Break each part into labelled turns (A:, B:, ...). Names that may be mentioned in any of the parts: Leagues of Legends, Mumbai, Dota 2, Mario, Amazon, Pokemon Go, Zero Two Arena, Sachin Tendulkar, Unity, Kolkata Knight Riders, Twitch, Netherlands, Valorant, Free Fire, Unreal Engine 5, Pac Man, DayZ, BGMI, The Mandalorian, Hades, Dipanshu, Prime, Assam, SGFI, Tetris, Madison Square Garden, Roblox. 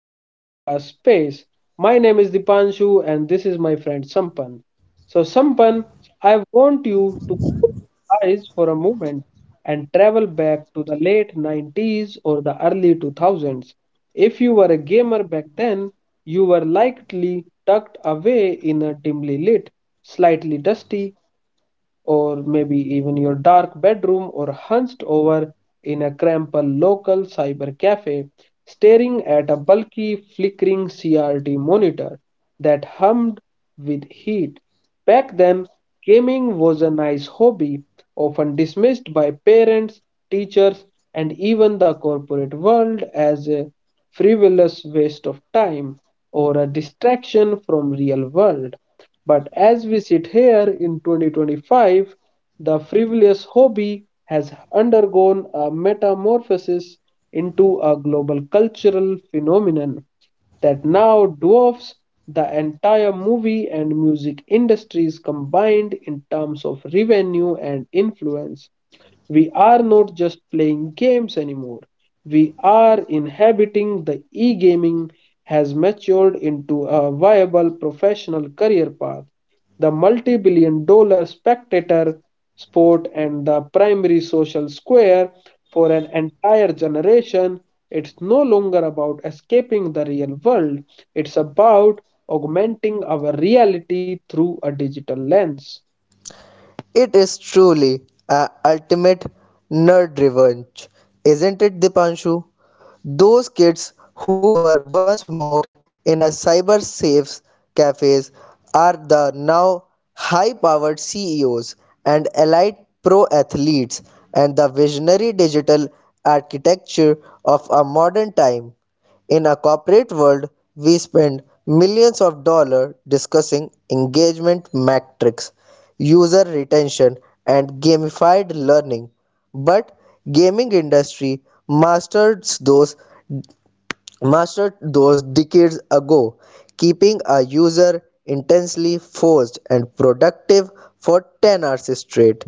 A: to our podcast space. My name is Dipanshu, and this is my friend Sampan. So, Sampan, I want you to close your eyes for a moment and travel back to the late 90s or the early 2000s. If you were a gamer back then, you were likely tucked away in a dimly lit, slightly dusty, or maybe even your dark bedroom, or hunched over in a cramped local cyber cafe, staring at a bulky, flickering CRT monitor that hummed with heat. Back then, gaming was a nice hobby, often dismissed by parents, teachers, and even the corporate world as a frivolous waste of time or a distraction from real world. But as we sit here in 2025, the frivolous hobby has undergone a metamorphosis into a global cultural phenomenon that now dwarfs the entire movie and music industries combined in terms of revenue and influence. We are not just playing games anymore. We are inhabiting the. E gaming has matured into a viable professional career path. The multi billion dollar spectator sport and the primary social square for an entire generation. It's no longer about escaping the real world, it's about augmenting our reality through a digital lens.
B: It is truly a ultimate nerd revenge, isn't it, Dipanshu? Those kids who were once mocked in a cyber safe cafes are the now high powered CEOs and elite pro athletes and the visionary digital architecture of a modern time. In a corporate world, we spend millions of dollars discussing engagement metrics, user retention, and gamified learning, but gaming industry mastered those mastered those decades ago, keeping a user intensely forced and productive for 10 hours straight.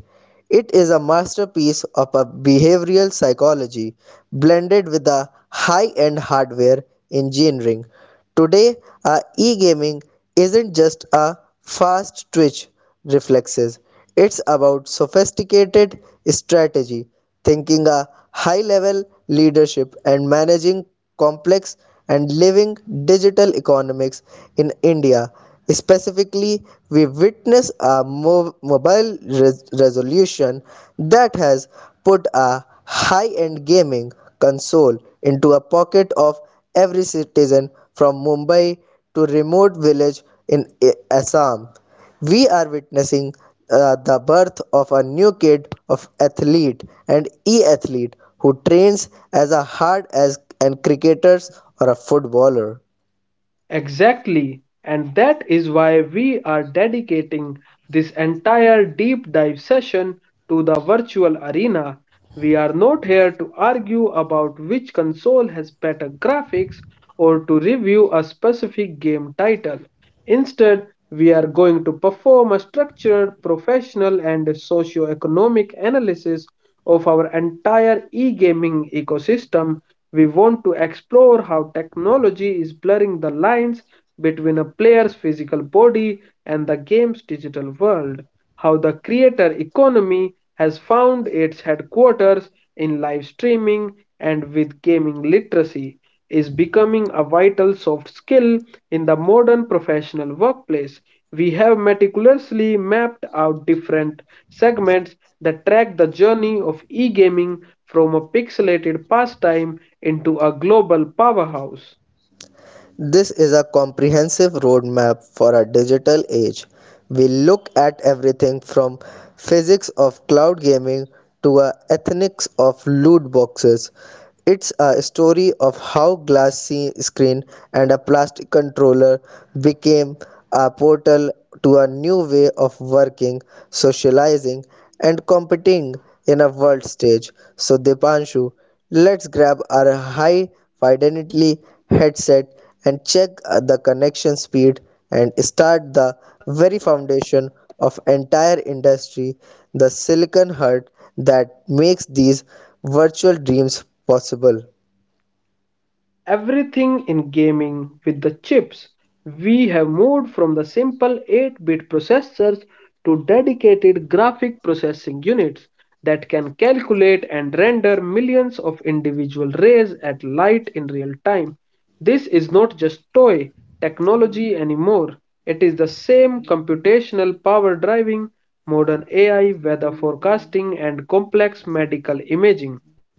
B: It is a masterpiece of a behavioral psychology blended with a high-end hardware engineering. Today, a e-gaming isn't just a fast twitch reflexes. It's about sophisticated strategy, thinking a high level leadership, and managing complex and living digital economics in India. Specifically, we witness a mobile resolution that has put a high end gaming console into a pocket of every citizen from Mumbai to remote village in Assam. We are witnessing the birth of a new kid of athlete and e-athlete who trains as hard as an cricketer or a footballer.
A: Exactly, and that is why we are dedicating this entire deep dive session to the virtual arena. We are not here to argue about which console has better graphics or to review a specific game title. Instead, we are going to perform a structured, professional, and socio economic analysis of our entire e gaming ecosystem. We want to explore how technology is blurring the lines between a player's physical body and the game's digital world, how the creator economy has found its headquarters in live streaming, and with gaming literacy, is becoming a vital soft skill in the modern professional workplace. We have meticulously mapped out different segments that track the journey of e gaming from a pixelated pastime into a global powerhouse.
B: This is a comprehensive roadmap for a digital age. We look at everything from physics of cloud gaming to a ethics of loot boxes. It's a story of how glass screen and a plastic controller became a portal to a new way of working, socializing, and competing in a world stage. So, Dipanshu, let's grab our high fidelity headset and check the connection speed and start the very foundation of entire industry, the silicon heart that makes these virtual dreams possible.
A: Everything in gaming with the chips. We have moved from the simple 8-bit processors to dedicated graphic processing units that can calculate and render millions of individual rays at light in real time. This is not just toy technology anymore. It is the same computational power driving modern AI, weather forecasting, and complex medical imaging.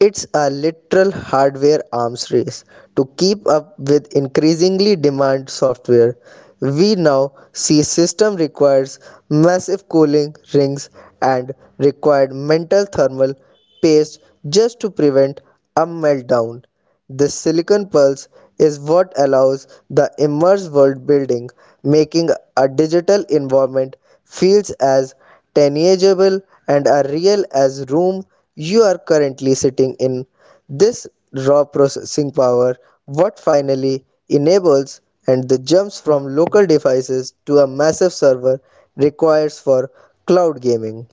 B: It's a literal hardware arms race to keep up with increasingly demand software. We now see system requires massive cooling rings and required mental thermal paste just to prevent a meltdown. This silicon pulse is what allows the immerse world building, making a digital environment feels as tangible and as real as room you are currently sitting in. This raw processing power what finally enables and the jumps from local devices to a massive server requires for cloud gaming.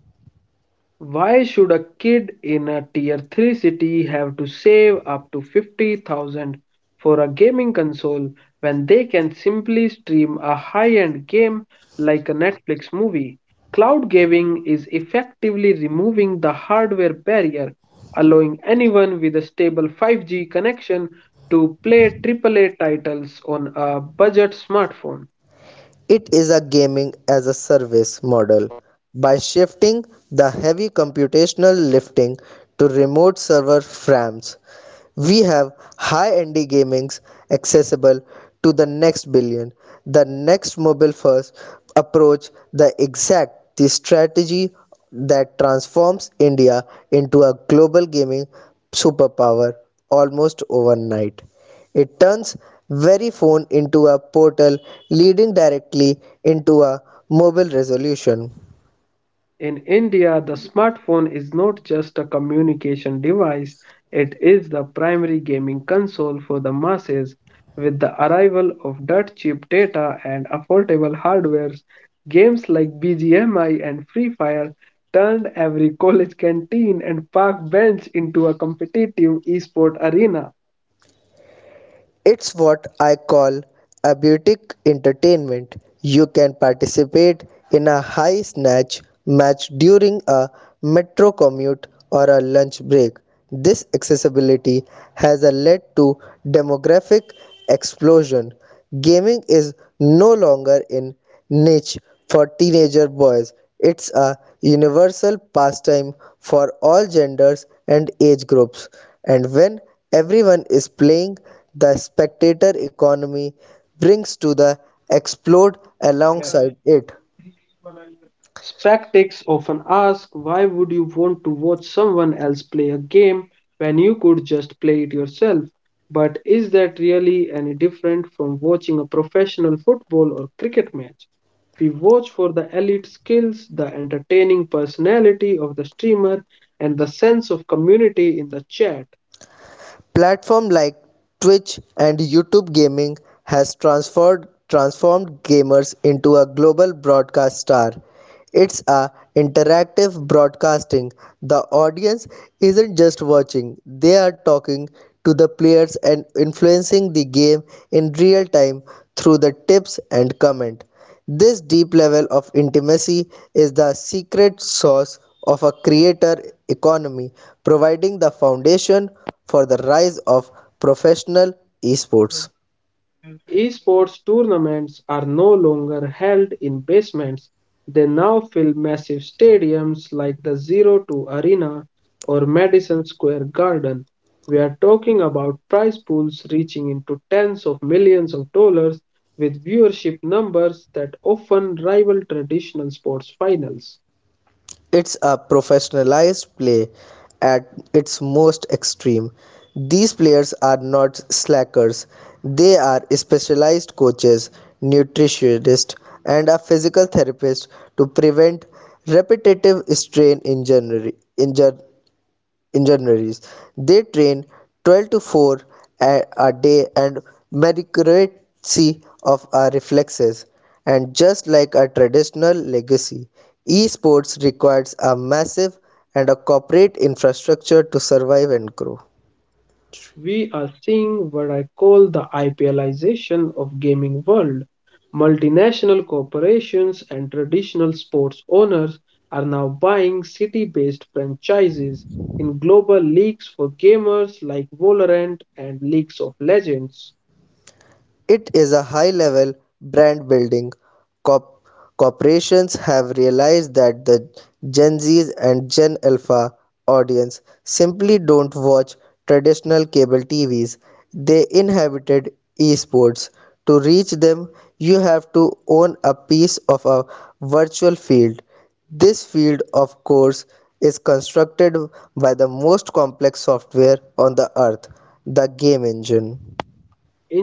A: Why should a kid in a tier 3 city have to save up to 50,000 for a gaming console when they can simply stream a high-end game like a Netflix movie? Cloud gaming is effectively removing the hardware barrier, allowing anyone with a stable 5G connection to play AAA titles on a budget smartphone.
B: It is a gaming as a service model. By shifting the heavy computational lifting to remote server farms, we have high indie gamings accessible to the next billion. The next mobile first approach, the exact the strategy that transforms India into a global gaming superpower almost overnight. It turns very phone into a portal leading directly into a mobile resolution.
A: In India, the smartphone is not just a communication device, it is the primary gaming console for the masses. With the arrival of dirt cheap data and affordable hardware, games like BGMI and Free Fire turned every college canteen and park bench into a competitive esport arena.
B: It's what I call abiotic entertainment. You can participate in a high snatch match during a metro commute or a lunch break. This accessibility has led to demographic explosion. Gaming is no longer in niche for teenager boys. It's a universal pastime for all genders and age groups. And when everyone is playing, the spectator economy brings to the explode alongside it.
A: Skeptics often ask, why would you want to watch someone else play a game when you could just play it yourself? But is that really any different from watching a professional football or cricket match? We watch for the elite skills, the entertaining personality of the streamer, and the sense of community in the chat.
B: Platform like Twitch and YouTube Gaming has transformed gamers into a global broadcast star. It's a interactive broadcasting. The audience isn't just watching, they are talking to the players and influencing the game in real time through the tips and comment. This deep level of intimacy is the secret sauce of a creator economy, providing the foundation for the rise of professional esports.
A: Esports tournaments are no longer held in basements. They now fill massive stadiums like the O2 Arena or Madison Square Garden. We are talking about prize pools reaching into tens of millions of dollars with viewership numbers that often rival traditional sports finals.
B: It's a professionalized play at its most extreme. These players are not slackers, they are specialized coaches, nutritionists, and a physical therapist to prevent repetitive strain injury engineers. They train 12 to 4 a day and mercy of our reflexes. And just like a traditional legacy, esports requires a massive and a corporate infrastructure to survive and grow.
A: We are seeing what I call the IPLization of gaming world. Multinational corporations and traditional sports owners are now buying city-based franchises in global leagues for gamers like Valorant and Leagues of Legends.
B: It is a high-level brand building. Corp- Corporations have realized that the Gen Zs and Gen Alpha audience simply don't watch traditional cable TVs. They inhabited esports. To reach them, you have to own a piece of a virtual field. This field, of course, is constructed by the most complex software on the earth, the game engine.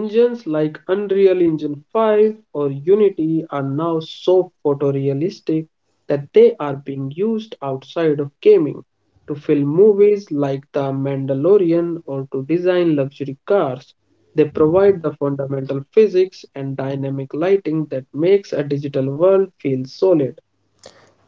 A: Engines like Unreal Engine 5 or Unity are now so photorealistic that they are being used outside of gaming to film movies like The Mandalorian or to design luxury cars. They provide the fundamental physics and dynamic lighting that makes a digital world feel solid.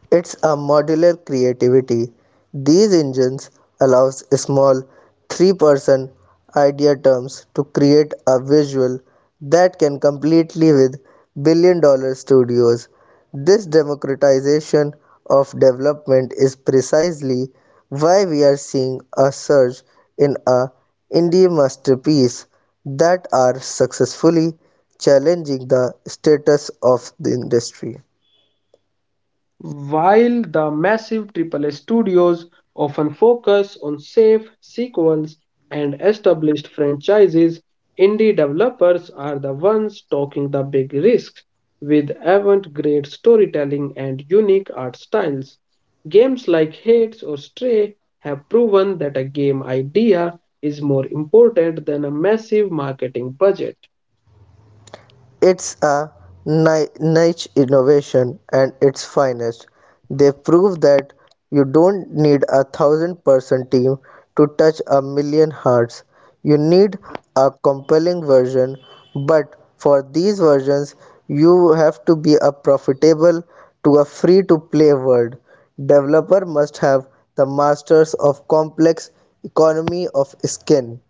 B: It's a modular creativity. These engines allows small three-person idea terms to create a visual that can completely with billion dollar studios. This democratization of development is precisely why we are seeing a surge in a indie masterpiece that are successfully challenging the status of the industry.
A: While the massive AAA studios often focus on safe sequels and established franchises, indie developers are the ones taking the big risks with avant-garde storytelling and unique art styles. Games like Hades or Stray have proven that a game idea is more important than a massive marketing budget.
B: It's a niche innovation and its finest. They prove that you don't need a thousand person team to touch a million hearts. You need a compelling version, but for these versions, you have to be a profitable to a free to play world. Developer must have the masters of complex economy of skin.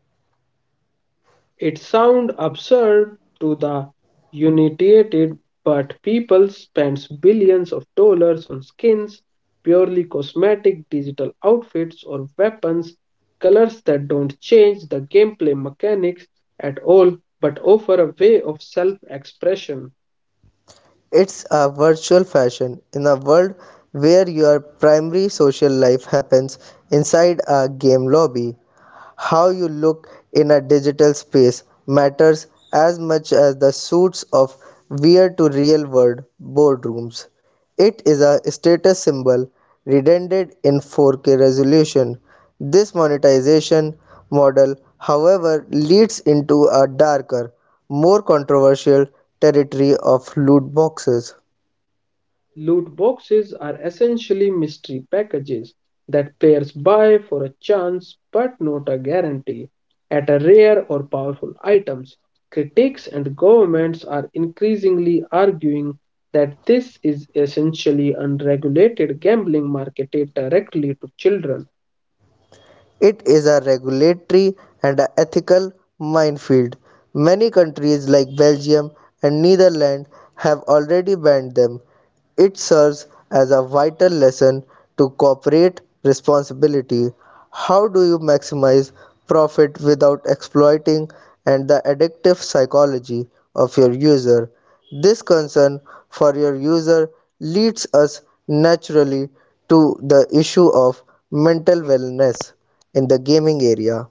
A: It sounds absurd to the uninitiated, but people spend billions of dollars on skins, purely cosmetic digital outfits, or weapons, colors that don't change the gameplay mechanics at all but offer a way of self expression.
B: It's a virtual fashion in a world where your primary social life happens inside a game lobby. How you look in a digital space matters as much as the suits of wear to real world boardrooms. It is a status symbol redundant in 4K resolution. This monetization model, however, leads into a darker, more controversial territory of loot boxes.
A: Loot boxes are essentially mystery packages that players buy for a chance, but not a guarantee, at a rare or powerful items. Critics and governments are increasingly arguing that this is essentially unregulated gambling marketed directly to children.
B: It is a regulatory and a ethical minefield. Many countries like Belgium and Netherlands have already banned them. It serves as a vital lesson to corporate responsibility. How do you maximize profit without exploiting and the addictive psychology of your user? This concern for your user leads us naturally to the issue of mental wellness in the gaming area.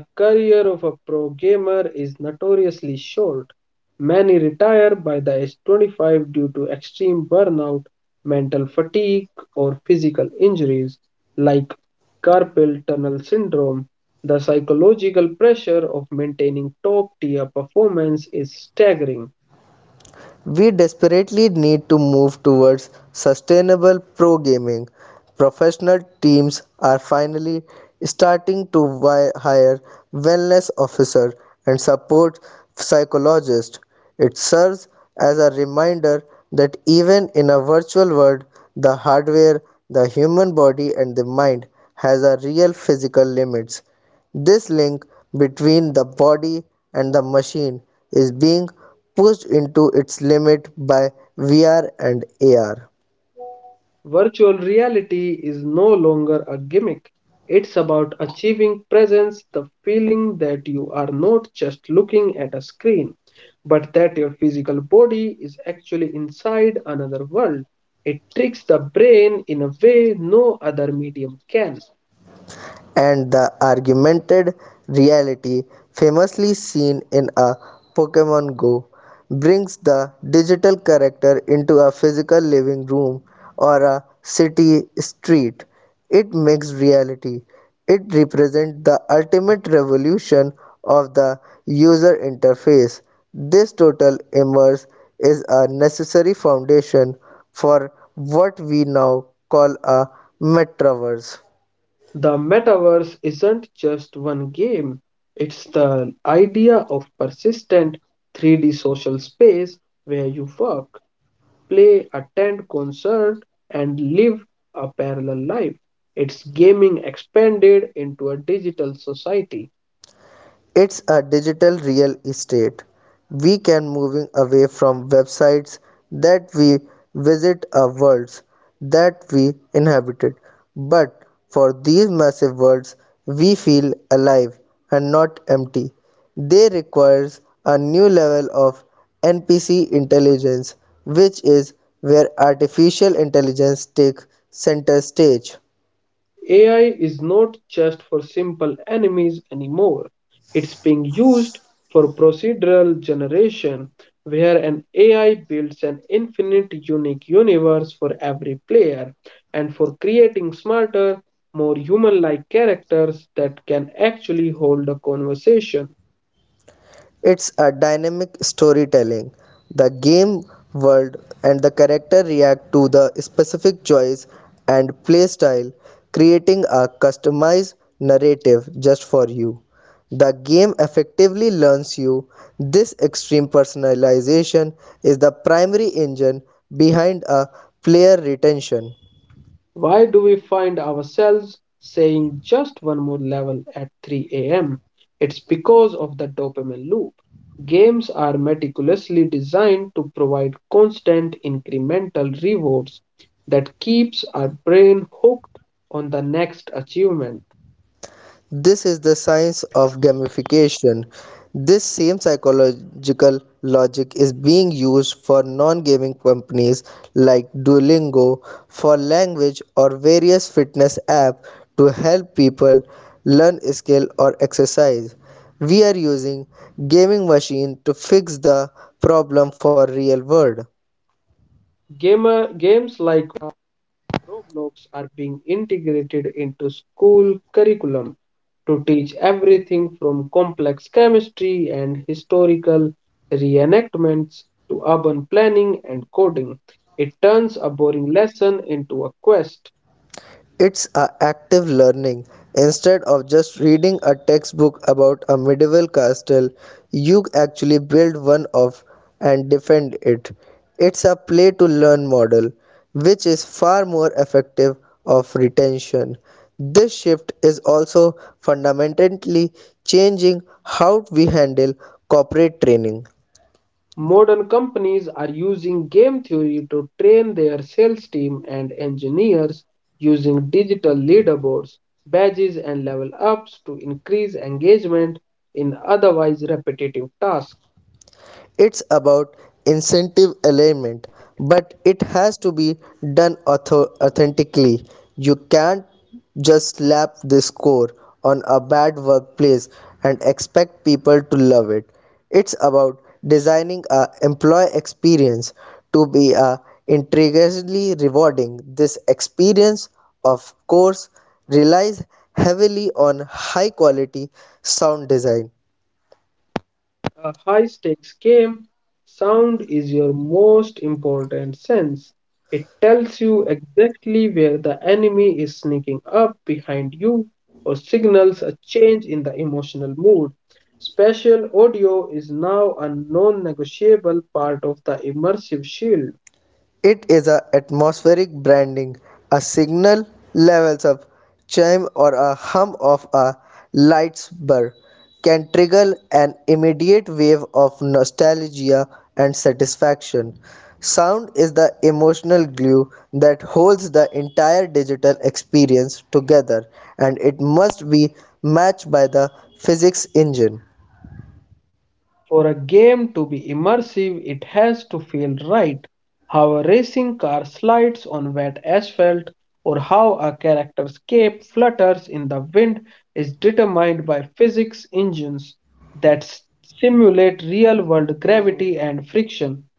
A: The career of a pro gamer is notoriously short. Many retire by the age 25 due to extreme burnout, mental fatigue, or physical injuries like carpal tunnel syndrome. The psychological pressure of maintaining top tier performance is staggering.
B: We desperately need to move towards sustainable pro gaming. Professional teams are finally starting to hire wellness officers and support psychologists. It serves as a reminder that even in a virtual world, the hardware, the human body, and the mind has a real physical limits. This link between the body and the machine is being pushed into its limit by VR and AR.
A: Virtual reality is no longer a gimmick. It's about achieving presence, the feeling that you are not just looking at a screen, but that your physical body is actually inside another world. It tricks the brain in a way no other medium can.
B: And the augmented reality, famously seen in a Pokemon Go, brings the digital character into a physical living room or a city street. It makes reality. It represents the ultimate revolution of the user interface. This total immerse is a necessary foundation for what we now call a metaverse.
A: The metaverse isn't just one game, it's the idea of persistent 3D social space where you work, play, attend concert, and live a parallel life. It's gaming expanded into a digital society.
B: It's a digital real estate. We can moving away from websites that we visit are worlds that we inhabited, but for these massive worlds we feel alive and not empty, they requires a new level of NPC intelligence, which is where artificial intelligence takes center stage.
A: AI is not just for simple enemies anymore. It's being used for procedural generation, where an AI builds an infinite unique universe for every player, and for creating smarter, more human like characters that can actually hold a conversation.
B: It's a dynamic storytelling. The game world and the character react to the specific choice and playstyle, creating a customized narrative just for you. The game effectively learns you. This extreme personalization is the primary engine behind a player retention.
A: Why do we find ourselves saying just one more level at 3 a.m.? It's because of the dopamine loop. Games are meticulously designed to provide constant incremental rewards that keeps our brain hooked on the next achievement.
B: This is the science of gamification. This same psychological logic is being used for non gaming companies like Duolingo, for language, or various fitness apps to help people learn skill or exercise. We are using gaming machine to fix the problem for real world.
A: Gamer games like Roblox are being integrated into school curriculum to teach everything from complex chemistry and historical reenactments to urban planning and coding. It turns a boring lesson into a quest.
B: It's a active learning. Instead of just reading a textbook about a medieval castle, you actually build one of and defend it. It's a play to learn model, which is far more effective of retention. This shift is also fundamentally changing how we handle corporate training.
A: Modern companies are using game theory to train their sales team and engineers using digital leaderboards, badges, and level ups to increase engagement in otherwise repetitive tasks.
B: It's about incentive alignment, but it has to be done authentically. You can't just slap the score on a bad workplace and expect people to love it. It's about designing a employee experience to be a intriguingly rewarding. This experience, of course, relies heavily on high quality sound design.
A: A high stakes game, sound is your most important sense. It tells you exactly where the enemy is sneaking up behind you or signals a change in the emotional mood. Spatial audio is now a non negotiable part of the immersive shield.
B: It is a atmospheric branding, a signal levels of chime or a hum of a light's burr can trigger an immediate wave of nostalgia and satisfaction. Sound is the emotional glue that holds the entire digital experience together, and it must be matched by the physics engine.
A: For a game to be immersive, it has to feel right. How a racing car slides on wet asphalt or how a character's cape flutters in the wind is determined by physics engines that simulate real world gravity and friction.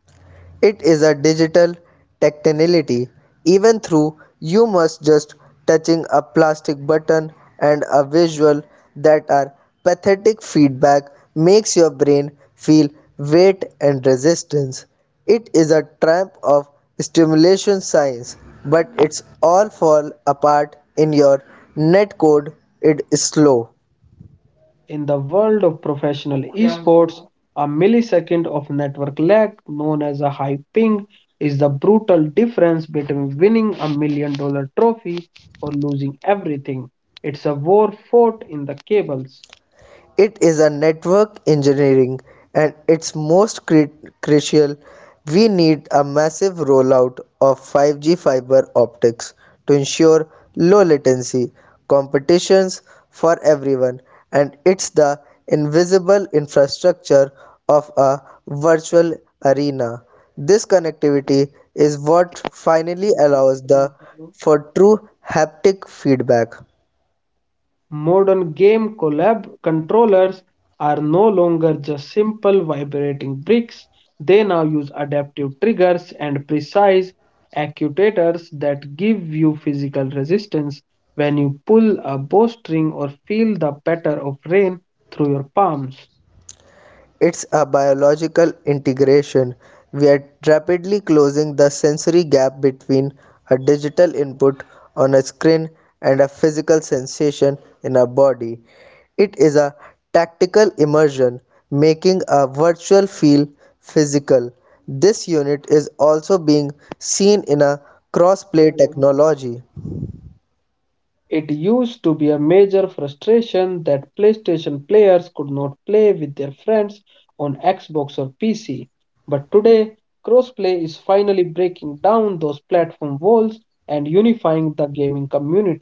B: It is a digital tactility. Even through you must just touching a plastic button and a visual that are pathetic feedback makes your brain feel weight and resistance. It is a triumph of stimulation science, but it's all fall apart in your netcode. It is slow.
A: In the world of professional esports, a millisecond of network lag, known as a high ping, is the brutal difference between winning a $1 million trophy or losing everything. It's a war fought in the cables.
B: It is a network engineering and its most crucial. We need a massive rollout of 5G fiber optics to ensure low latency competitions for everyone, and it's the invisible infrastructure of a virtual arena. This connectivity is what finally allows the for true haptic feedback.
A: Modern game collab controllers are no longer just simple vibrating bricks. They now use adaptive triggers and precise actuators that give you physical resistance when you pull a bowstring or feel the patter of rain through your palms.
B: It's a biological integration. We are rapidly closing the sensory gap between a digital input on a screen and a physical sensation in our body. It is a tactical immersion, making a virtual feel physical. This unit is also being seen in a crossplay technology.
A: It used to be a major frustration that PlayStation players could not play with their friends on Xbox or PC. But today, crossplay is finally breaking down those platform walls and unifying the gaming community.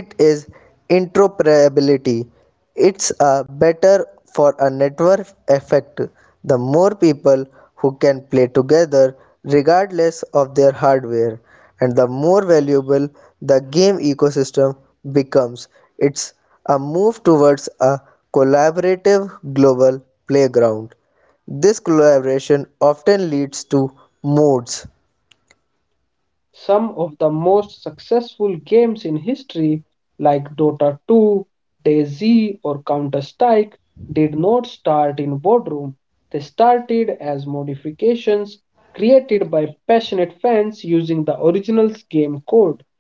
B: It is interoperability. It's a better for a network effect. The more people who can play together regardless of their hardware, and the more valuable the game ecosystem becomes. It's a move towards a collaborative global playground. This collaboration often leads to modes.
A: Some of the most successful games in history, like Dota 2, DayZ, or Counter Strike, did not start in boardroom. They started as modifications created by passionate fans using the original game code.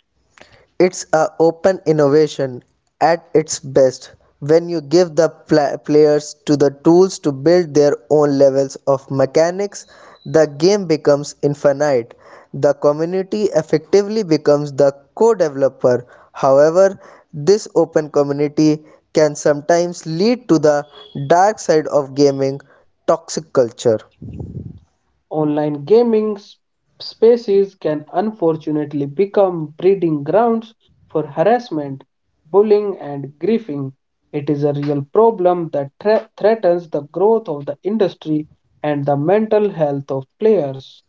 B: It's a open innovation at its best. When you give the players to the tools to build their own levels of mechanics, the game becomes infinite. The community effectively becomes the co-developer. However, this open community can sometimes lead to the dark side of gaming, toxic culture.
A: Online gaming spaces can unfortunately become breeding grounds for harassment, bullying, and griefing. It is a real problem that threatens the growth of the industry and the mental health of players.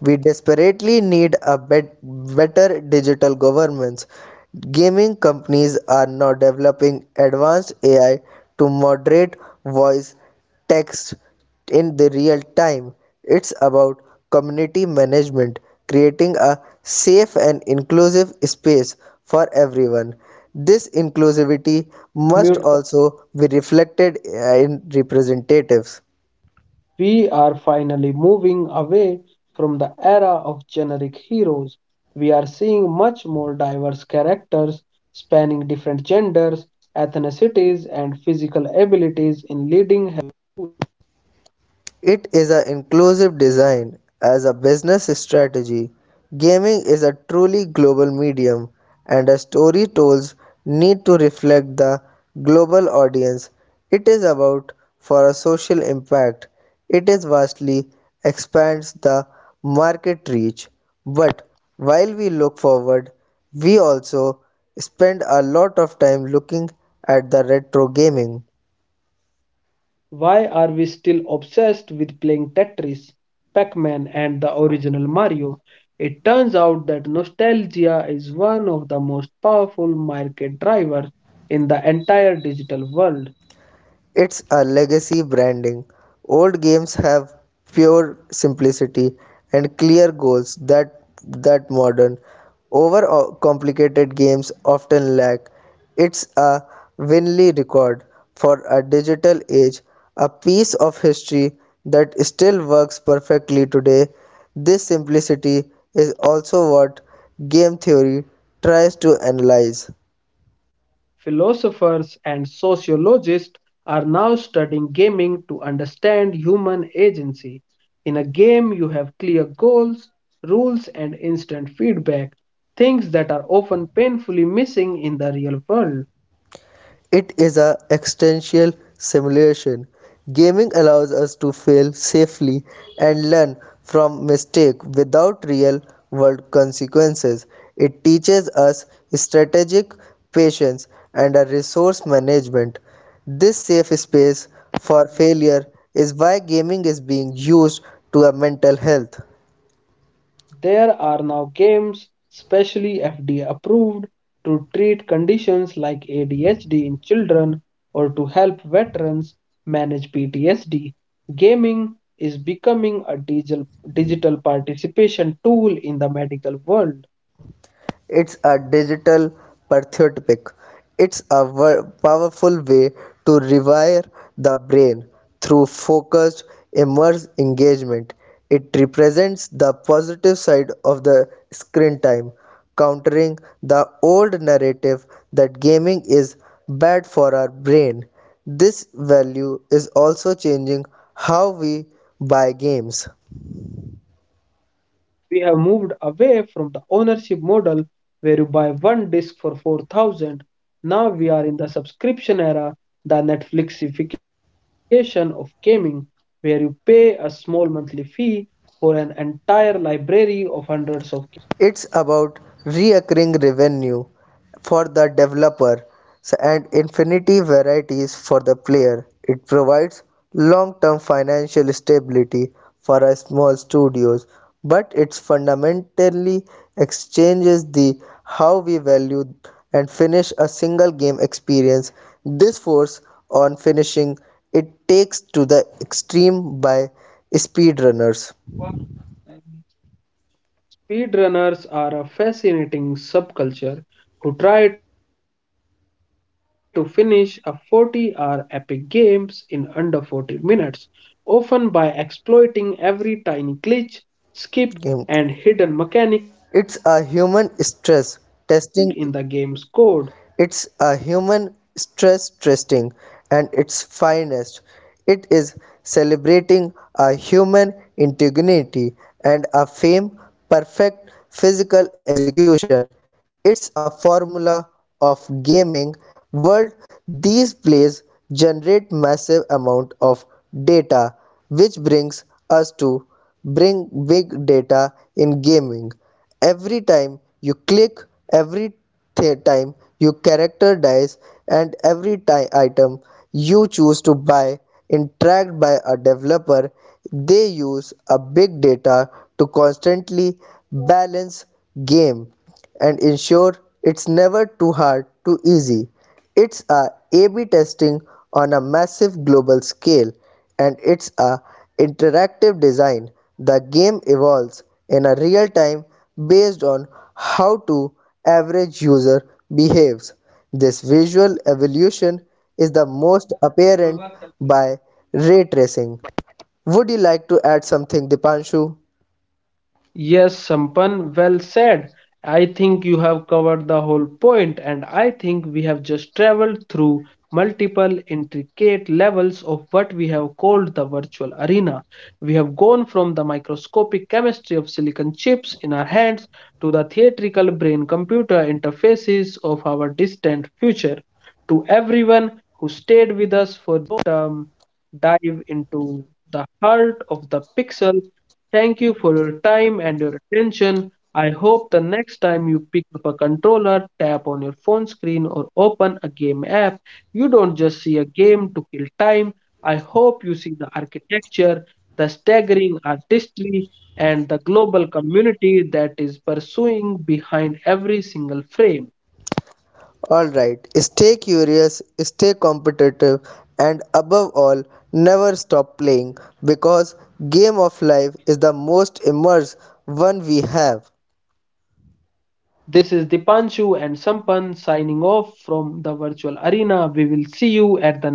B: We desperately need a better digital governance. Gaming companies are now developing advanced AI to moderate voice text in the real time. It's about community management, creating a safe and inclusive space for everyone. This inclusivity must
A: Unmute.
B: also be reflected in representatives.
A: We are finally moving away from the era of generic heroes. We are seeing much more diverse characters spanning different genders, ethnicities, and physical abilities in leading.
B: It is an inclusive design as a business strategy. Gaming is a truly global medium, and a story told need to reflect the global audience. It is about for a social impact. It is vastly expands the market reach. But while we look forward, we also spend a lot of time looking at the retro gaming.
A: Why are we still obsessed with playing Tetris, Pac Man, and the original Mario? It turns out that nostalgia is one of the most powerful market drivers in the entire digital world.
B: It's a legacy branding. Old games have pure simplicity and clear goals that modern over complicated games often lack. It's a Winley record for a digital age, a piece of history that still works perfectly today. This simplicity is also what game theory tries to analyze.
A: Philosophers and sociologists are now studying gaming to understand human agency. In a game, you have clear goals, rules, and instant feedback, things that are often painfully missing in the real world.
B: It is a existential simulation. Gaming allows us to fail safely and learn from mistake without real world consequences. It teaches us strategic patience and a resource management. This safe space for failure is why gaming is being used to a mental health.
A: There are now games specially FDA approved to treat conditions like ADHD in children or to help veterans manage PTSD. Gaming is becoming a digital participation tool in the medical world.
B: It's a digital patriotic. It's a powerful way to rewire the brain through focused, immersed engagement. It represents the positive side of the screen time, countering the old narrative that gaming is bad for our brain. This value is also changing how we buy games.
A: We have moved away from the ownership model where you buy one disc for 4,000. Now we are in the subscription era, the Netflixification of gaming, where you pay a small monthly fee for an entire library of hundreds of.
B: It's about reoccurring revenue for the developer and infinity varieties for the player. It provides long-term financial stability for a small studios, but it fundamentally exchanges the how we value and finish a single game experience. This force on finishing it takes to the extreme by speedrunners.
A: Speedrunners are a fascinating subculture who try to finish a 40-hour epic games in under 40 minutes, often by exploiting every tiny glitch, skip, and hidden mechanic
B: Game
A: in the game's code.
B: It's a human stress testing it's a human stress testing and its finest. It is celebrating a human integrity and a fame perfect physical execution. It's a formula of gaming world. These plays generate massive amount of data, which brings us to bring big data in gaming. Every time you click,
A: Every
B: every
A: time.
B: time your character dies, and every item you choose to buy is tracked by a developer. They use a big data to constantly balance game and ensure it's never too hard too easy. It's a A/B testing on a massive global scale, and it's a interactive design. The game evolves in a real time based on how to average user behaves. This visual evolution is the most apparent by ray tracing. Would you like to add something, Dipanshu?
A: Yes, Sampan, well said. I think you have covered the whole point, and I think we have just traveled through multiple intricate levels of what we have called the virtual arena. We have gone from the microscopic chemistry of silicon chips in our hands to the theatrical brain computer interfaces of our distant future. To everyone who stayed with us for um, dive into the heart of the pixel. Thank you for your time and your attention. I hope the next time you pick up a controller, tap on your phone screen, or open a game app, you don't just see a game to kill time. I hope you see the architecture, the staggering artistry, and the global community that is pursuing behind every single frame.
B: Alright, stay curious, stay competitive, and above all, never stop playing because Game of Life is the most immersive one we have.
A: This is Dipanshu and Sampan signing off from the virtual arena. We will see you at the